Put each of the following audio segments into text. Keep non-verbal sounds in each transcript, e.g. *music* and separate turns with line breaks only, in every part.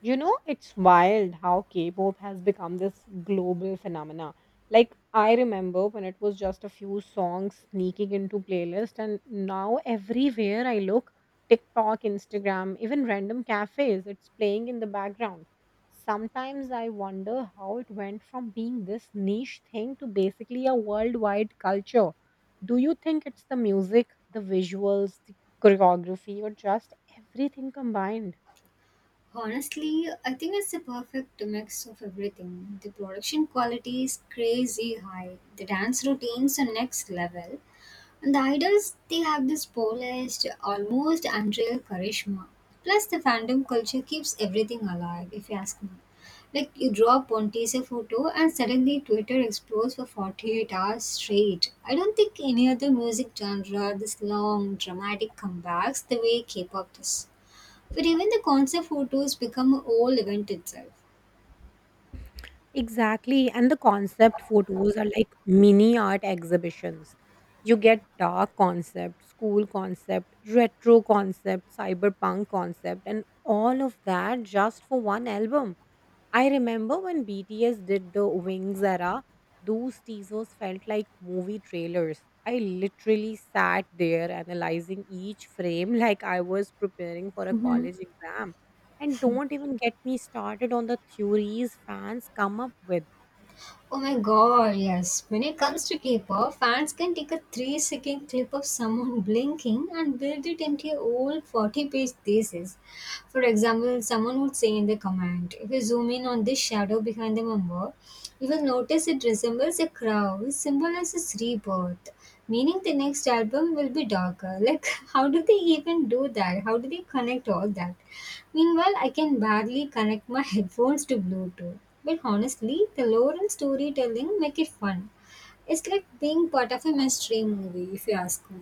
You know, it's wild how K-pop has become this global phenomena. Like I remember when it was just a few songs sneaking into playlist and now everywhere I look, TikTok, Instagram, even random cafes, it's playing in the background. Sometimes I wonder how it went from being this niche thing to basically a worldwide culture. Do you think it's the music, the visuals, the choreography, or just everything combined?
Honestly, I think it's the perfect mix of everything. The production quality is crazy high, the dance routines are next level, and the idols they have this polished, almost unreal charisma. Plus, the fandom culture keeps everything alive, if you ask me. Like, you draw a teaser photo, and suddenly Twitter explodes for 48 hours straight. I don't think any other music genre this long, dramatic comebacks the way K pop does. But even the concert photos become a whole event itself.
Exactly. And the concept photos are like mini art exhibitions. You get dark concept, school concept, retro concept, cyberpunk concept, and all of that just for one album. I remember when BTS did the Wings era, those teasers felt like movie trailers. I literally sat there analyzing each frame *laughs* like I was preparing for a college exam. And don't even get me started on the theories fans come up with.
Oh my god, yes. When it comes to K-pop, fans can take a 3-second clip of someone *laughs* blinking and build it into a whole 40-page thesis. For example, someone would say in the comment, if you zoom in on this shadow behind the member, you will notice it resembles a crow, which symbolizes rebirth. Meaning the next album will be darker. Like, *laughs* how do they even do that? How do they connect all that? Meanwhile, I can barely connect my *laughs* headphones to Bluetooth. But honestly, the lore and storytelling make it fun. It's like being part of a mainstream movie, if you ask me.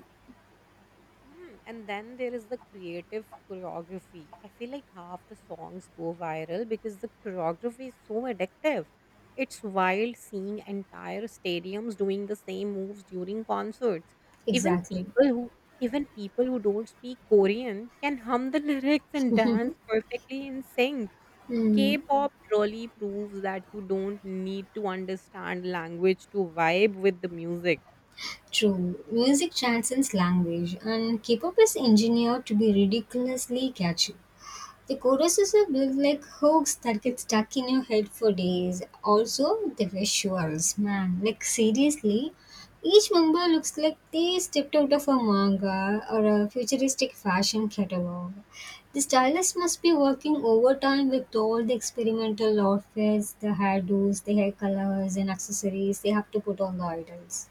And then there is the creative choreography. I feel like half the songs go viral because the choreography is so addictive. It's wild seeing entire stadiums doing the same moves during concerts. Even
Exactly.
people who Even people who don't speak Korean can hum the *laughs* lyrics and dance perfectly in sync.
Hmm.
K-pop really proves that you don't need to understand language to vibe with the music.
True. Music transcends language, and K-pop is engineered to be ridiculously catchy. The choruses are built like hooks that get stuck in your head for days. Also, the visuals, man, like seriously, each member looks like they stepped out of a manga or a futuristic fashion catalog. The stylist must be working overtime with all the experimental outfits, the hairdos, the hair colors, and accessories they have to put on the idols.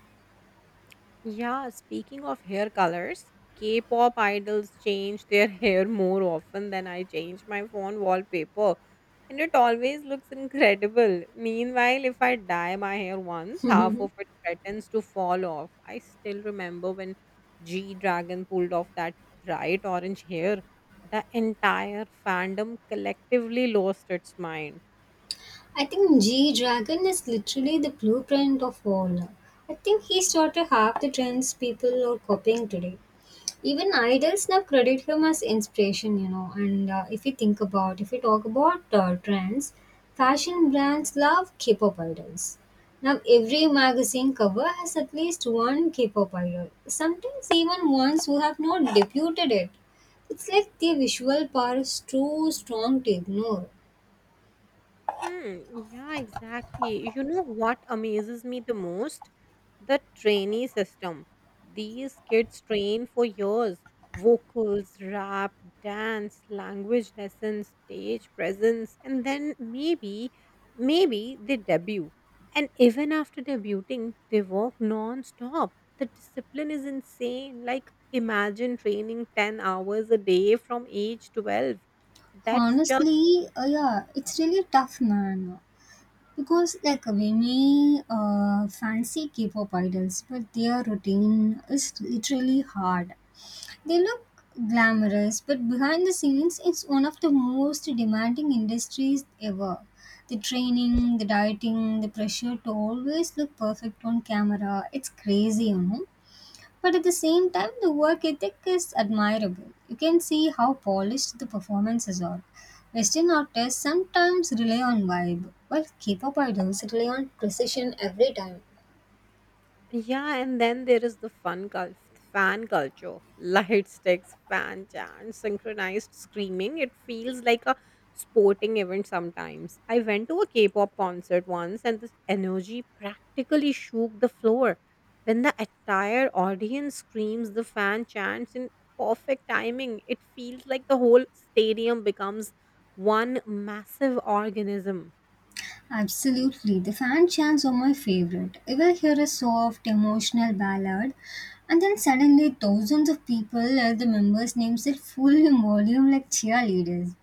Yeah, speaking of hair colors, K pop idols change their *laughs* hair more often than I change my phone wallpaper, and it always looks incredible. Meanwhile, if I dye my hair once, half of it threatens to fall off. I still remember when G Dragon pulled off that bright orange hair, the entire fandom collectively lost its mind.
I think G Dragon is literally the blueprint of all. I think he started half the trends people are copying today. Even idols now credit him as inspiration, you know. And if you think about, if you talk about trends, fashion brands love K-pop idols. Now every magazine cover has at least one K-pop idol. Sometimes even ones who have not debuted it. It's like the visual power is too strong to ignore.
Hmm, yeah, exactly. You know what amazes me the most? The trainee system. These kids train for years. Vocals, rap, dance, language lessons, stage presence, and then maybe, maybe they debut. And even after debuting, they work non stop. The discipline is insane. Like, imagine training 10 hours a day from age 12. That's just.
Honestly, yeah, it's really tough, man. Because like we may fancy K-pop idols, but their routine is literally hard. They look glamorous, but behind the scenes, it's one of the most demanding industries ever. The training, the dieting, the pressure to always look perfect on camera—it's crazy, you know. But at the same time, the work ethic is admirable. You can see how polished the performances are. Western artists sometimes rely on vibe, while K pop idols rely on precision every time.
Yeah, and then there is the fan culture. *laughs* Light sticks, fan chants, synchronized screaming. It feels like a sporting event sometimes. I went to a K-pop concert once and the energy practically shook the floor. When the entire audience screams the fan chants in perfect timing, it feels like the whole stadium becomes one massive organism.
Absolutely. The fan chants are my favorite. If I hear a soft, emotional ballad, and then suddenly thousands of people yell the members' names at full volume like cheerleaders.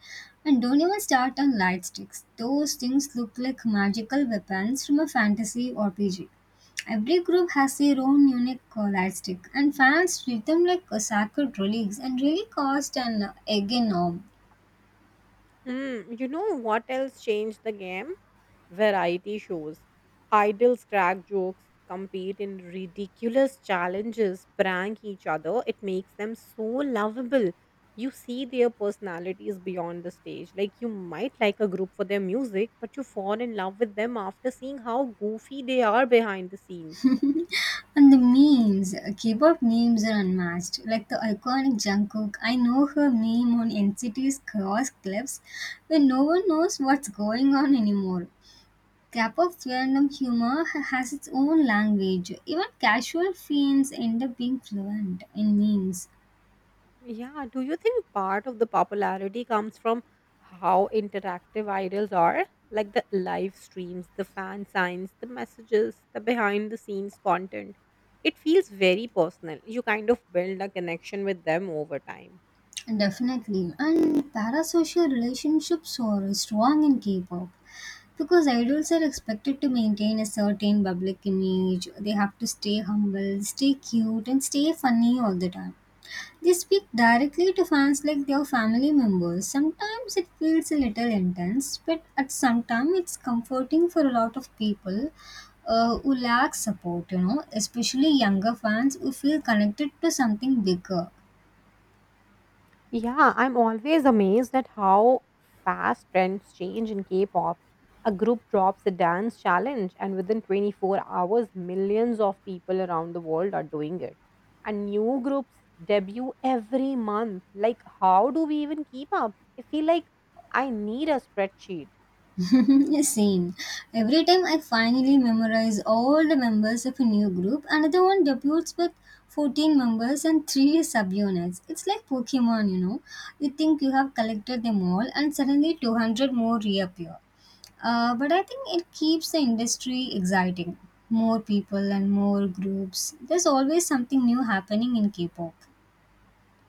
And don't even start on light sticks. Those things look like magical weapons from a fantasy RPG. Every group has their own unique light stick, and fans treat them like a sacred relics and really cost an egg in arm.
Hmm. You know what else changed the game? Variety shows. Idols crack jokes, compete in ridiculous challenges, prank each other. It makes them so lovable. You see their personalities beyond the stage. Like, you might like a group for their music, but you fall in love with them after seeing how goofy they are behind the scenes.
And the memes, K-pop memes are unmatched. Like the iconic Jungkook, I know her meme on NCT's cross clips when no one knows what's going on anymore. K-pop fandom humor has its own language. Even casual fans end up being fluent in memes.
Yeah, do you think part of the popularity comes from how interactive idols are? Like the live streams, the fan signs, the messages, the behind the scenes content. It feels very personal. You kind of build a connection with them over time.
Definitely. And parasocial relationships are strong in K-pop. Because idols are expected to maintain a certain public image, they have to stay humble, stay cute, and stay funny all the time. They speak directly to fans like their family members. Sometimes it feels a little intense, but at some time it's comforting for a lot of people who lack support, you know, especially younger fans who feel connected to something bigger.
Yeah, I'm always amazed at how fast trends change in K pop. A group drops a dance challenge, and within 24 hours, millions of people around the world are doing it. And new groups debut every month. Like, how do we even keep up? I feel like I need a spreadsheet.
*laughs* Yeah, same. Every time I finally memorize all the members of a new group, another one debuts with 14 members and 3 subunits. It's like Pokemon, you know. You think you have collected them all, and suddenly 200 more reappear. But I think it keeps the industry exciting. More people and more groups. There's always something new happening in K pop.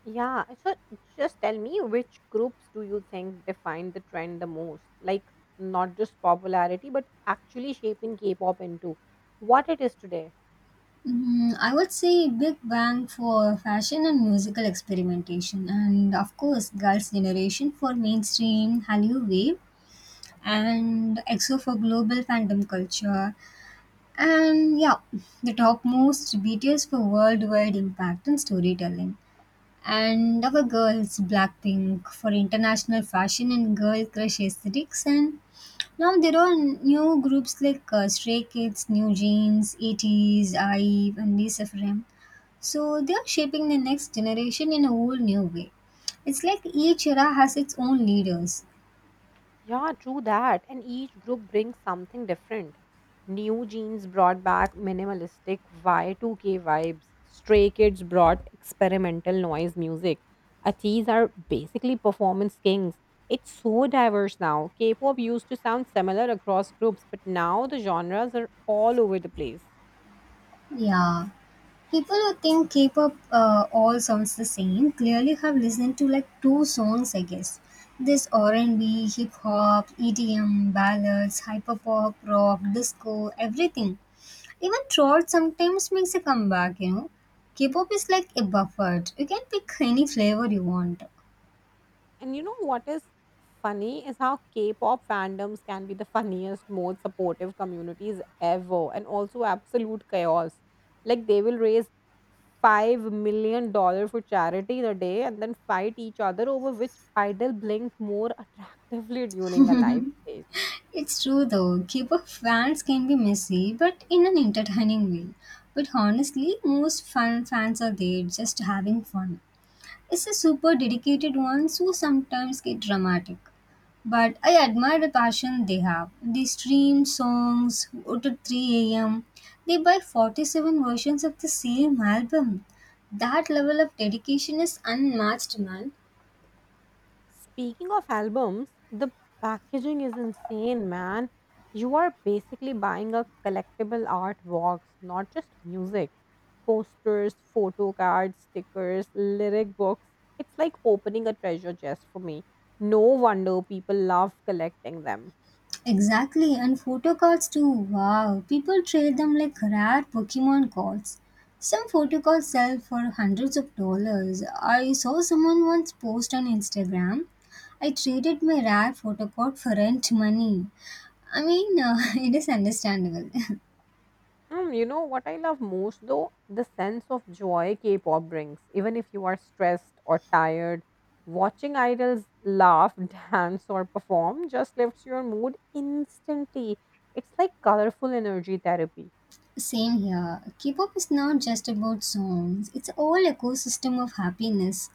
Yeah, so just tell me which groups do you think define the trend the most? Like, not just popularity, but actually shaping K pop into what it is today.
Mm, I would say Big Bang for fashion and musical experimentation, and of course, Girls' Generation for mainstream Hallyu wave, and EXO for global fandom culture, and yeah, the topmost BTS for worldwide impact and storytelling, and our girls Blackpink for international fashion and girl crush aesthetics, and now there are new groups like Stray Kids, New Jeans, 80s, IVE, and Lisa Frame so they are shaping the next generation in a whole new way. It's like each era has its own leaders.
Yeah, true that. And each group brings something different. New Jeans brought back minimalistic Y2K vibes. Stray Kids brought experimental noise music. Ateez are basically performance kings. It's so diverse now. K pop used to sound similar across groups, but now the genres are all over the place.
Yeah. People who think K-pop all sounds the same clearly have listened to like two songs, I guess. This R&B, hip hop, EDM, ballads, hyperpop, rock, disco, everything. Even trot sometimes makes a comeback, you know. K-pop is like a buffet. You can pick any flavor you want.
And you know what is funny is how K-pop fandoms can be the funniest, most supportive communities ever, and also absolute chaos. Like they will raise 5 million dollar for charity in a day and then fight each other over which idol blinked more attractively *laughs* during a live stage.
It's true though, K-pop fans can be messy, but in an entertaining way. But honestly, most fans are there just having fun. It's the super dedicated ones who sometimes get dramatic. But I admire the passion they have. They stream songs out at 3 a.m. They buy 47 versions of the same album. That level of dedication is unmatched, man.
Speaking of albums, the packaging is insane, man. You are basically buying a collectible art box, not just music. Posters, photo cards, stickers, lyric books. It's like opening a treasure chest for me. No wonder people love collecting them.
Exactly, and photo cards too. Wow, people trade them like rare Pokemon cards. Some photo cards sell for hundreds of dollars. I saw someone once post on Instagram. I traded my rare photo card for rent money. I mean, *laughs* it is understandable. *laughs*
You know what I love most though? The sense of joy K pop brings. Even if you are stressed or tired, watching idols laugh, *laughs* dance, or perform just lifts your mood instantly. It's like colorful energy therapy.
Same here. K-pop is not just about songs, it's a whole ecosystem of happiness.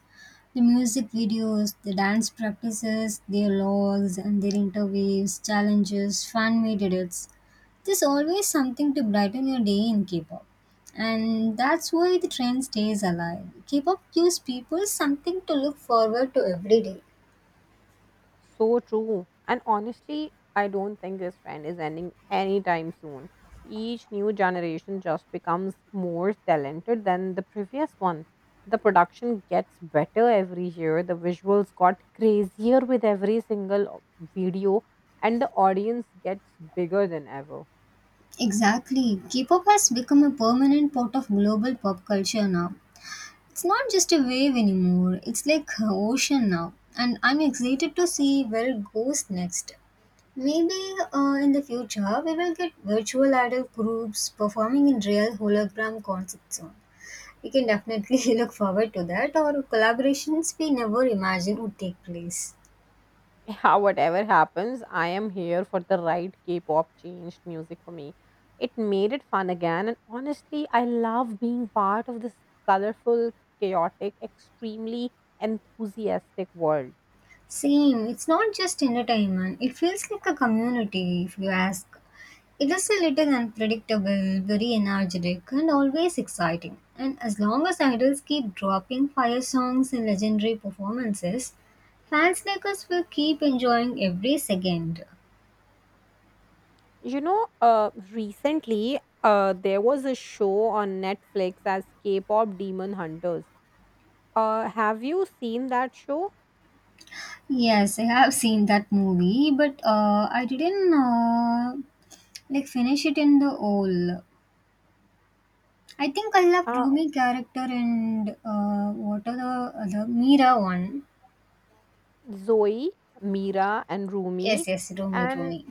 The music videos, the dance practices, their logs and their interviews, challenges, fan-made edits. There's always something to brighten your day in K-pop. And that's why the trend stays alive. K-pop gives people something to look forward to every day.
So true. And honestly, I don't think this trend is ending anytime soon. Each new generation just becomes more talented than the previous one. The production gets better every year, the visuals got crazier with every single video, and the audience gets bigger than ever.
Exactly. K-pop has become a permanent part of global pop culture now. It's not just a wave anymore, it's like an ocean now. And I'm excited to see where it goes next. Maybe in the future, we will get virtual idol groups performing in real hologram concert soon. We can definitely *laughs* look forward to that, or collaborations we never imagined would take place.
Yeah, *laughs* whatever happens, I am here for the right K pop changed music for me. It made it fun again, and honestly, I love being part of this colorful, chaotic, extremely enthusiastic world.
Same, it's not just entertainment, it feels like a community, if you ask. It is a little unpredictable, very energetic, and always exciting. And as long as idols keep dropping fire songs and legendary performances, fans like us will keep enjoying every second.
You know, recently there was a show on Netflix as K pop Demon Hunters. Have you seen that show?
Yes, I have seen that movie, but I didn't like finish it in the whole. I think I love
Uh,
Rumi character and what are the other Mira one.
Zoe, Mira, and
Yes,
Rumi.
yes, Rumi,
And
Rumi.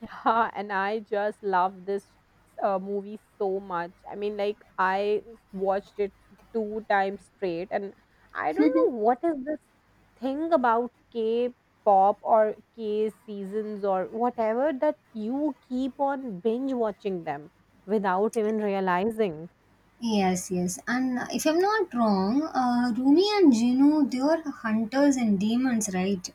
Yeah, and I just love this movie so much. I mean, like I watched it two times straight, and I don't know
*laughs*
what is this thing about K-pop or K seasons or whatever that you keep on binge watching them without even realizing.
Yes, yes. And if I'm not wrong, Rumi and Jinu, they were hunters and demons, right?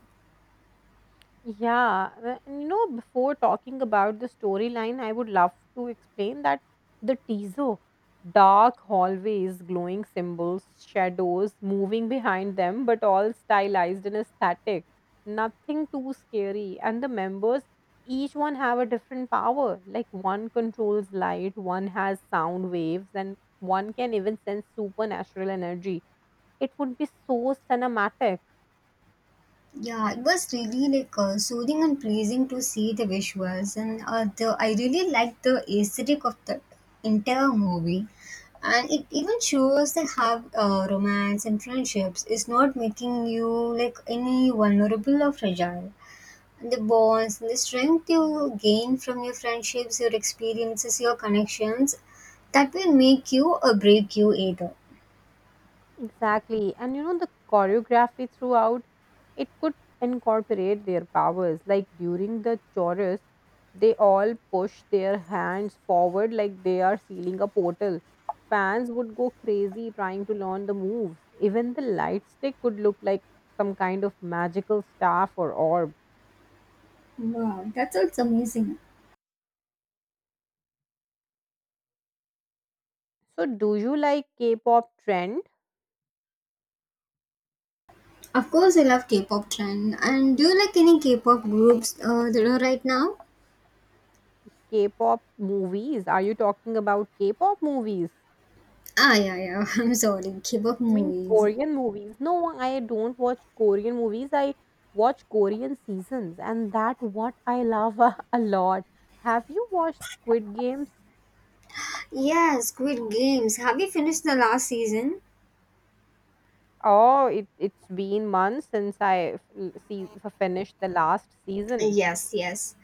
Yeah, and you know, before talking about the storyline, I would love to explain that the teaser, dark hallways, glowing symbols, shadows moving behind them, but all stylized and aesthetic, nothing too scary. And the members, each one have a different power. Like one controls light, one has sound waves, and one can even sense supernatural energy. It would be so cinematic.
Yeah, it was really like soothing and pleasing to see the visuals, and the I really liked the aesthetic of the entire movie. And it even shows that how romance and friendships is not making you like any vulnerable or fragile. The bonds, the strength you gain from your friendships, your experiences, your connections, that will make you or break you either.
Exactly. And you know, the choreography throughout, it could incorporate their powers. Like during the chorus, they all push their hands forward like they are sealing a portal. Fans would go crazy trying to learn the moves. Even the light stick could look like some kind of magical staff or orb.
Wow, that sounds amazing.
So, do you like K pop trend?
Of course, I love K-pop trend. And do you like any K-pop groups that are right now?
K pop movies? Are you talking about K pop movies?
Ah, yeah, yeah. *laughs* I'm sorry. K-pop
I mean,
movies.
Korean movies. No, I don't watch Korean movies. I watch Korean seasons, and that what I love *laughs* a lot. Have you watched Squid Games?
Yes, Squid Games. Have you finished the last season?
Oh, it's been months since I finished the last season.
Yes, yes.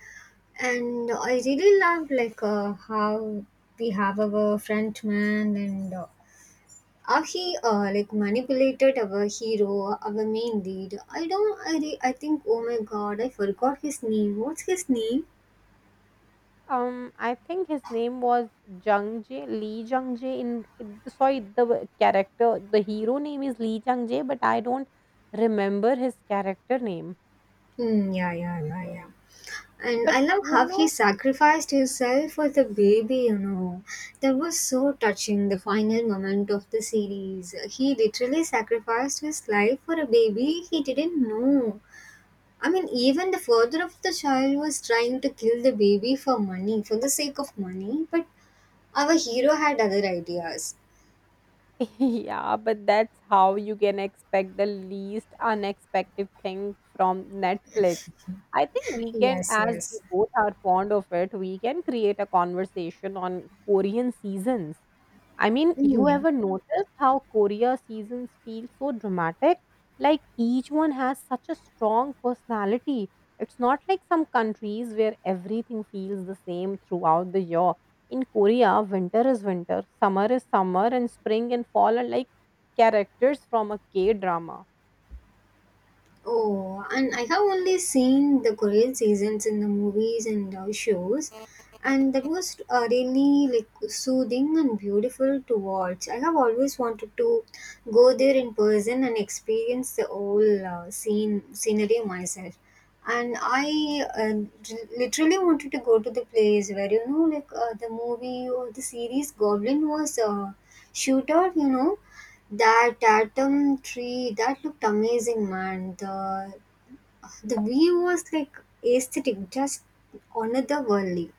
And I really love like how we have our friend man and he like manipulated our hero, our main lead. I don't. I re- I think. Oh my god! I forgot his name. What's his name?
I think his name was Jung Jae Lee Jung Jae. Sorry, the character, the hero name is Lee Jung Jae, but I don't remember his character name.
Hmm. Yeah. Yeah. Yeah. Yeah. And
But
I love
you
how he
know.
sacrificed himself for the baby. You know, that was so touching. The final moment of the series, he literally sacrificed his life for a baby he didn't know. I mean, even the father of the child was trying to kill the baby for money, for the sake of money, but our hero had other ideas.
*laughs* Yeah, but that's how you can expect the least unexpected thing from Netflix. I think we can,
Yes,
as we
yes.
both are fond of it, we can create a conversation on Korean seasons. I mean, you
Hmm.
ever notice how Korea seasons feel so dramatic? Like each one has such a strong personality. It's not like some countries where everything feels the same throughout the year. In Korea, winter is winter, summer is summer, and spring and fall are like characters from a K drama.
Oh, and I have only seen the Korean seasons in the movies and shows, and that was really like soothing and beautiful to watch. I have always wanted to go there in person and experience the whole scenery myself. And I literally wanted to go to the place where you know, like the movie or the series Goblin was shoot out, you know that atom tree, that looked amazing, man. The view was like aesthetic, just otherworldly.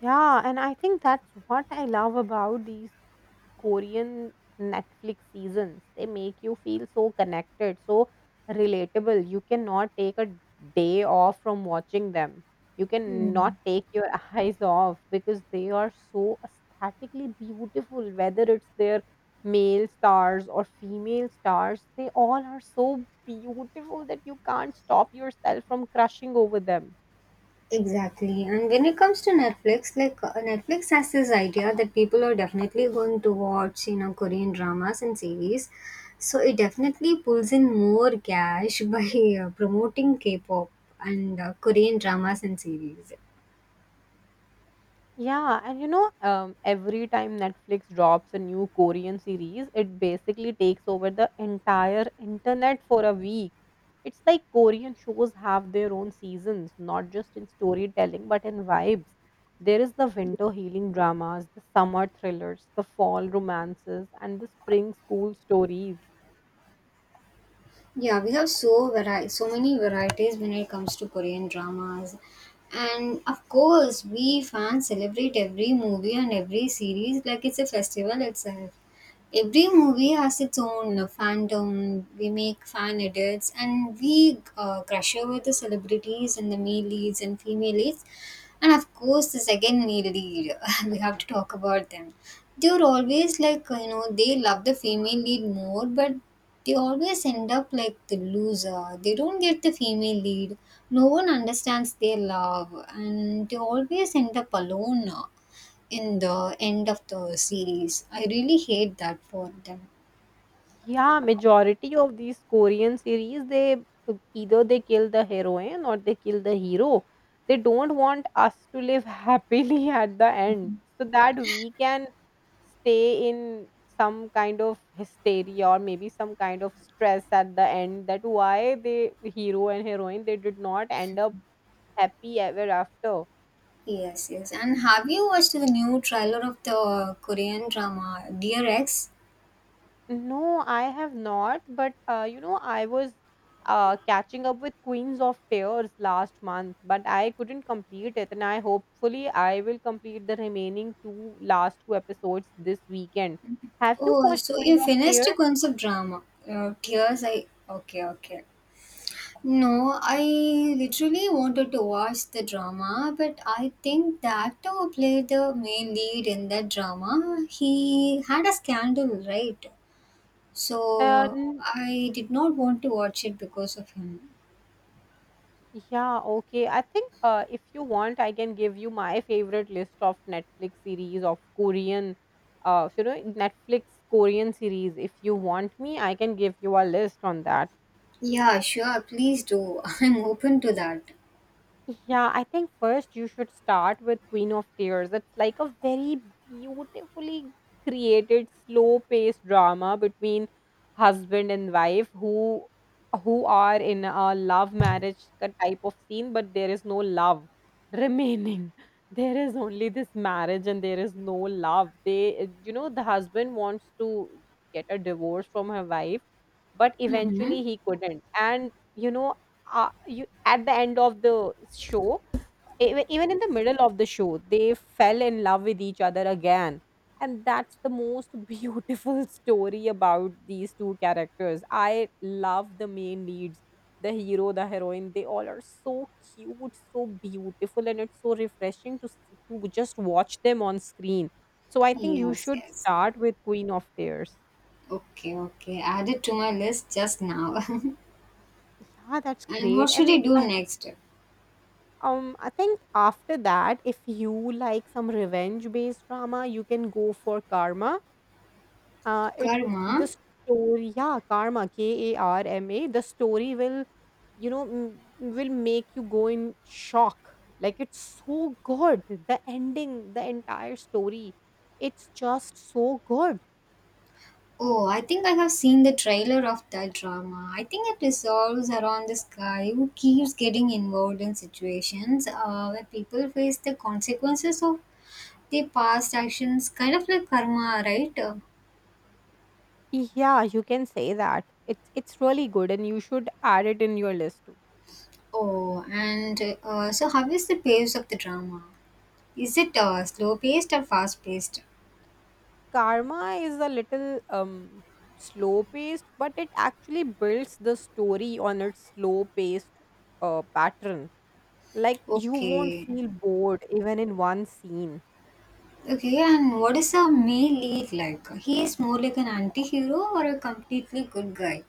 Yeah, and I think that's what I love about these Korean Netflix seasons. They make you feel so connected, so relatable. You cannot take a day off from watching them. You
Hmm.
cannot take your *laughs* eyes off because they are so aesthetically beautiful, whether it's their male stars or female stars, they all are so beautiful that you can't stop yourself from crushing over them.
Exactly. And when it comes to Netflix, like Netflix has this idea that people are definitely going to watch, you know, Korean dramas and series. So it definitely pulls in more cash *laughs* by promoting K-pop and Korean dramas and series.
Yeah, and you know, every time Netflix drops a new Korean series, it basically takes over the entire internet for a week. It's like Korean shows have their own seasons, not just in storytelling, but in vibes. There is the winter healing dramas, the summer thrillers, the fall romances, and the spring school stories.
Yeah, we have so many varieties when it comes to Korean dramas. And of course, we fans celebrate every movie and every series like it's a festival itself. Every movie has its own fandom. We make fan edits and we crush over the celebrities and the male leads and female leads. And of course, the second male lead, *laughs* we have to talk about them. They're always like, they love the female lead more, but they always end up like the loser. They don't get the female lead. No one understands their love, and they always end up alone in the end of the series. I really hate that for them.
Yeah, majority of these Korean series, they either they kill the heroine or they kill the hero. They don't want us to live happily *laughs* at the end so that we can stay in some kind of hysteria or maybe some kind of stress at the end that why the hero and heroine they did not end up happy ever after.
Yes, yes. And have you watched the new trailer of the Korean drama Dear X?
No, I have not. But you know, I was catching up with Queens of Tears last month, but I couldn't complete it, and I hopefully I will complete the remaining two last two episodes this weekend. Have you
Oh,
watched
so
Queen
you
of
finished
Tears?
a concept drama. Tears, I. Okay, okay. No, I literally wanted to watch the drama, but I think the actor who played the main lead in that drama, he had a scandal, right?
Uh,
So
n-
I did not want to watch it because of him.
yeah, okay. I think if you want, I can give you my favorite list of Netflix series of Korean, you know, Netflix Korean series. If you want me, I can give you a list on that.
Yeah, sure. Please do. *laughs* I'm open to that.
Yeah, I think first you should start with Queen of Tears. It's like a very beautifully created, slow-paced drama between husband and wife who are in a love marriage type of scene, but there is no love remaining. *laughs* There is only this marriage and there is no love. They, the husband wants to get a divorce from her wife, but
Mm-hmm.
eventually he couldn't. And you at the end of the show even, even in the middle of the show they fell in love with each other again, and that's the most *laughs* beautiful story about these two characters. I love the main leads, the hero, the heroine, they all are so cute, so beautiful, and it's so refreshing to to just watch them on screen. So I think you
Yes,
should
yes.
start with Queen of Tears.
Okay, okay. Added to my list just now. *laughs*
Yeah, that's
And what
great.
should I
And
do next?
I think after that, if you like some revenge based drama, you can go for Karma. It
Karma.
The story, yeah, Karma, K A R M A. The story will, will make you go in shock. Like, it's so good. The ending, the entire story, it's just so good.
Oh, I think I have seen the trailer of that drama. I think it resolves around this guy who keeps getting involved in situations where people face the consequences of their past actions, kind of like karma, right?
Yeah, you can say that. It's really good, and you should add it in your list too.
Oh, and so how is the pace of the drama? Is it slow paced or fast paced?
Karma is a little slow paced, but it actually builds the story on its slow paced pattern. Like, you won't
Okay.
feel bored even in one scene.
Okay, and what is a male lead like? He is more like an anti hero or a completely good guy?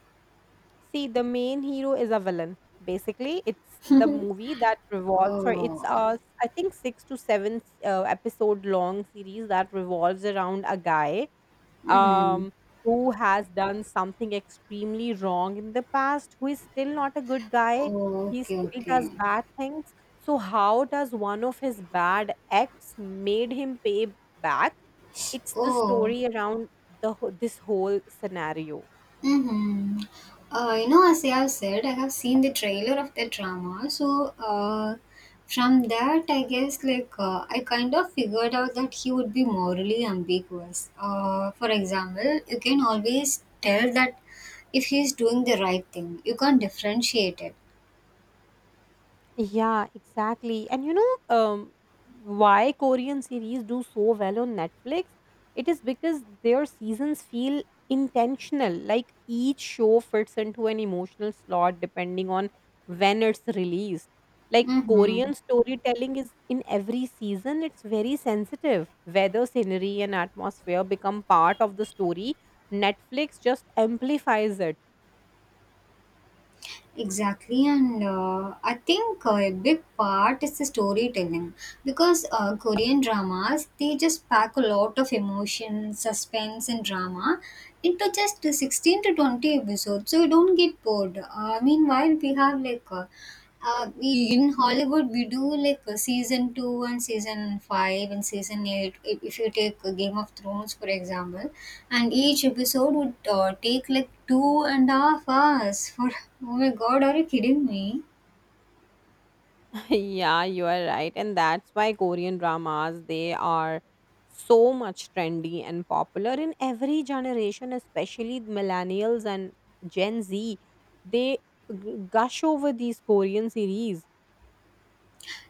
See, the main hero is a villain. Basically, it's the movie that revolves, or it's
Oh.
a, I think, six to seven episode long series that revolves around a guy
Mm-hmm.
um, who has *laughs* done something extremely wrong in the past, who is still not a good guy,
Oh,
he
okay,
still
okay.
does bad things. So, how does one of his bad acts made him pay back? It's the
Oh.
story around this whole scenario.
Mm-hmm. You know, as I have said, I have seen the trailer of the drama. So, from that, I guess, I kind of figured out that he would be morally ambiguous. For example, you can always tell that if he's doing the right thing, you can't differentiate it.
Yeah, exactly. And you know, why Korean series do so well on Netflix? It is because their seasons feel intentional. Like, each show fits into an emotional slot depending on when it's released. Like,
Mm-hmm.
Korean storytelling is in every season, it's very sensitive. Weather, scenery, and atmosphere become part of the story. Netflix just amplifies it.
Exactly, and I think a big part is the storytelling because Korean dramas they just pack a lot of emotion, suspense, and drama into just the 16 to 20 episodes, so you don't get bored. Meanwhile, we have like in Hollywood, we do like season two and season five and season eight. If you take Game of Thrones, for example, and each episode would take like 2.5 hours. For *laughs* oh my god, are you kidding me?
*laughs* Yeah, you are right. And that's why Korean dramas, they are so much trendy and popular in every generation, especially millennials and Gen Z. They gush over these Korean series.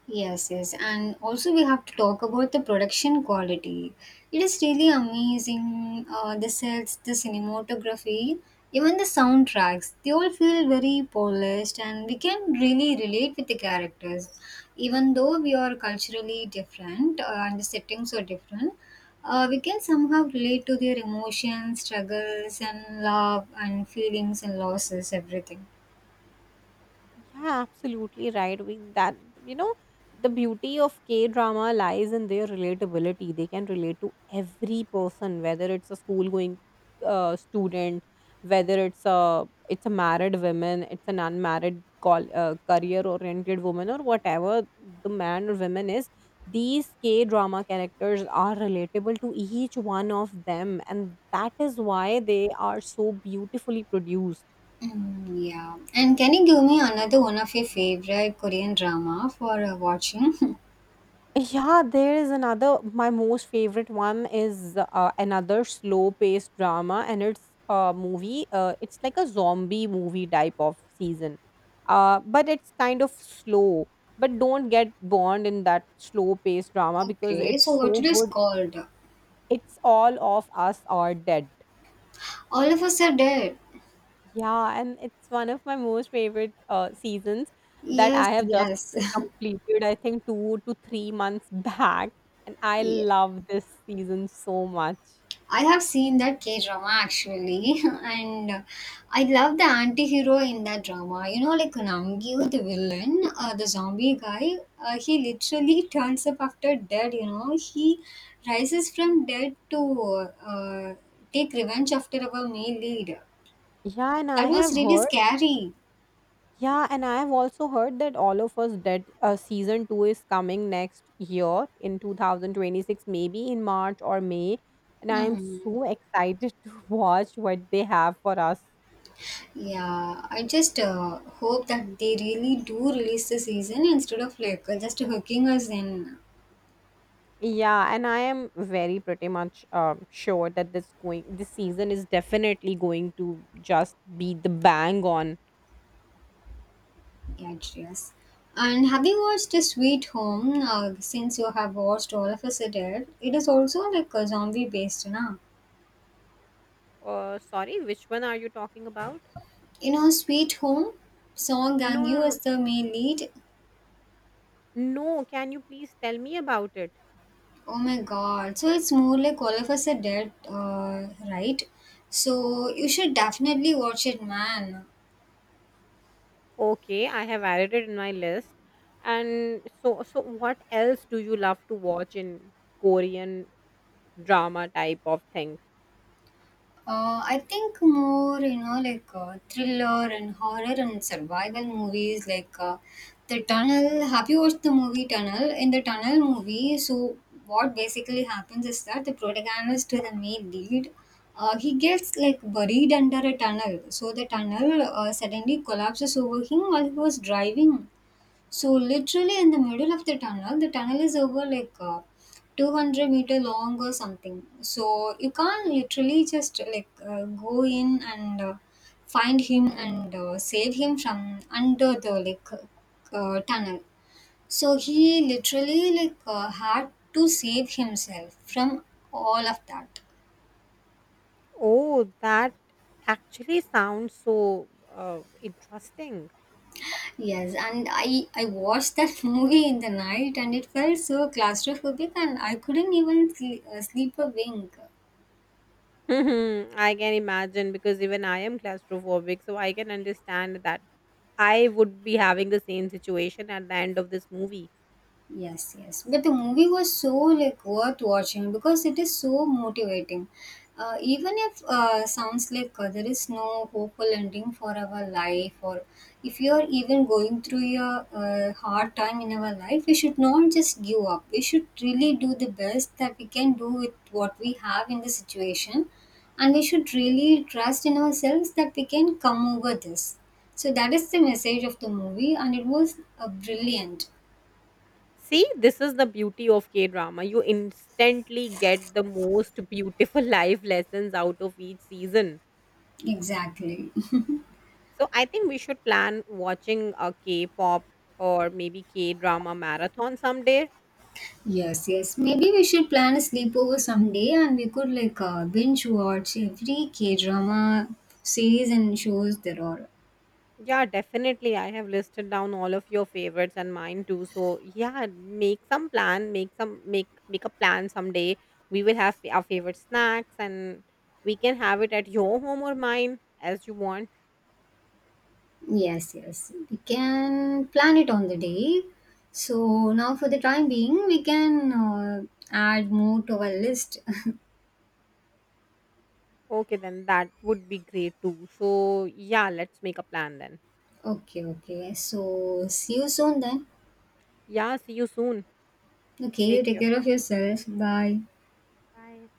Yes, yes. And also, we have to talk about the production quality. It is really amazing. The sets, the cinematography, even the soundtracks, they all feel very polished and we can really relate with the characters. Even though we are culturally different and the settings are different, we can somehow relate to their emotions, struggles, and love and feelings and losses, everything.
Yeah, absolutely right. We that you know the beauty of K drama lies in their relatability. They can relate to every person, whether it's a school going student, whether it's a married woman, it's an unmarried call career oriented woman, or whatever the man or woman is. These K drama characters are relatable to each one of them, and that is why they are so beautifully produced.
Mm, yeah. And can you give me another one of your favorite Korean drama for watching?
Yeah, there is another. My most favorite one is another slow-paced drama, and it's a movie. It's like a zombie movie type of season, but it's kind of slow. But don't get burned in that slow-paced drama
*laughs*
because
Okay, so
it's
what
so
it is
good.
called?
It's All of Us Are Dead.
All of Us Are Dead.
Yeah, and it's one of my most favorite seasons that
Yes,
I have just
yes.
completed, I think, 2 to 3 months *laughs* back. And I
*laughs* Yeah.
love this season so much.
I have seen that K drama actually, *laughs* and I love the anti hero in that drama. You know, like Namgyu, the villain, the zombie guy, he literally *laughs* turns up after dead, you know. He rises from dead to take revenge after our male lead.
Yeah, and
That
I
was
have
really
heard,
scary.
yeah, and I have also heard that All of Us Dead season two is coming next year in 2026, maybe in March or May. And I am
Hmm.
so excited *laughs* to watch what they have for us.
Yeah, I just hope that they really do release the season instead of like just hooking us in.
Yeah, and I am very pretty much sure that this season is definitely going to just be the bang on.
Yeah, it's yes. And have you watched the Sweet Home? Since you have watched all of us, Are Dead, it is also like a zombie based, na?
Sorry, which one are you talking about?
You know, Sweet Home song Gang
No, no,
You is
no,
the main lead.
no. Can you please tell me about it?
Oh my God! So it's more like all of us are dead, uh, right? So you should definitely watch it, man.
Okay, I have added it in my list. And so what else do you love to watch in Korean drama type of thing?
I think more, you know, like thriller and horror and survival movies, like the tunnel. Have you watched the movie Tunnel? In the tunnel movie, so what basically happens is that the protagonist, the main lead, he gets like buried under a tunnel. So the tunnel suddenly collapses over him while he was driving so literally in the middle of the tunnel is over like 200-meter long or something. So you can't literally just like go in and find him and save him from under the like tunnel. So he literally like had to save himself from all of that.
Oh, that actually sounds so interesting.
Yes, and I watched that *laughs* movie in the night and it felt so claustrophobic and I couldn't even sleep a wink.
*laughs* Hmm. I can imagine because even I am claustrophobic, so I can understand that I would be having the same situation at the end of this movie.
Yes, yes. But the movie was so like worth watching because it is so motivating. Even if sounds like there is no hopeful ending for our life, or if you are even going through your hard time in our life, we should not just give up. We should really do the best that we can do with what we have in the situation, and we should really trust in ourselves that we can come over this. So that is the message of the movie, and it was brilliant.
See, this is the beauty of K drama. You instantly get the most beautiful *laughs* life lessons out of each season.
Exactly.
So I think we should plan watching a K pop or maybe K drama marathon someday.
Yes, yes. Maybe we should plan a sleepover someday and we could like binge watch every K drama series and shows there are.
Yeah, definitely. I have listed down all of your favorites and mine too. So yeah, make some plan, make a plan someday. We will have our favorite snacks, and we can have it at your home or mine as you want.
Yes, yes. We can plan it on the day. So now for the time being, we can add more to our list.
Okay, then that would be great too. So yeah, let's make a plan then.
*laughs* Okay, okay. So see you soon then.
Yeah, see you soon.
Okay, you
Take
take
care.
care of yourself. Bye.
Bye.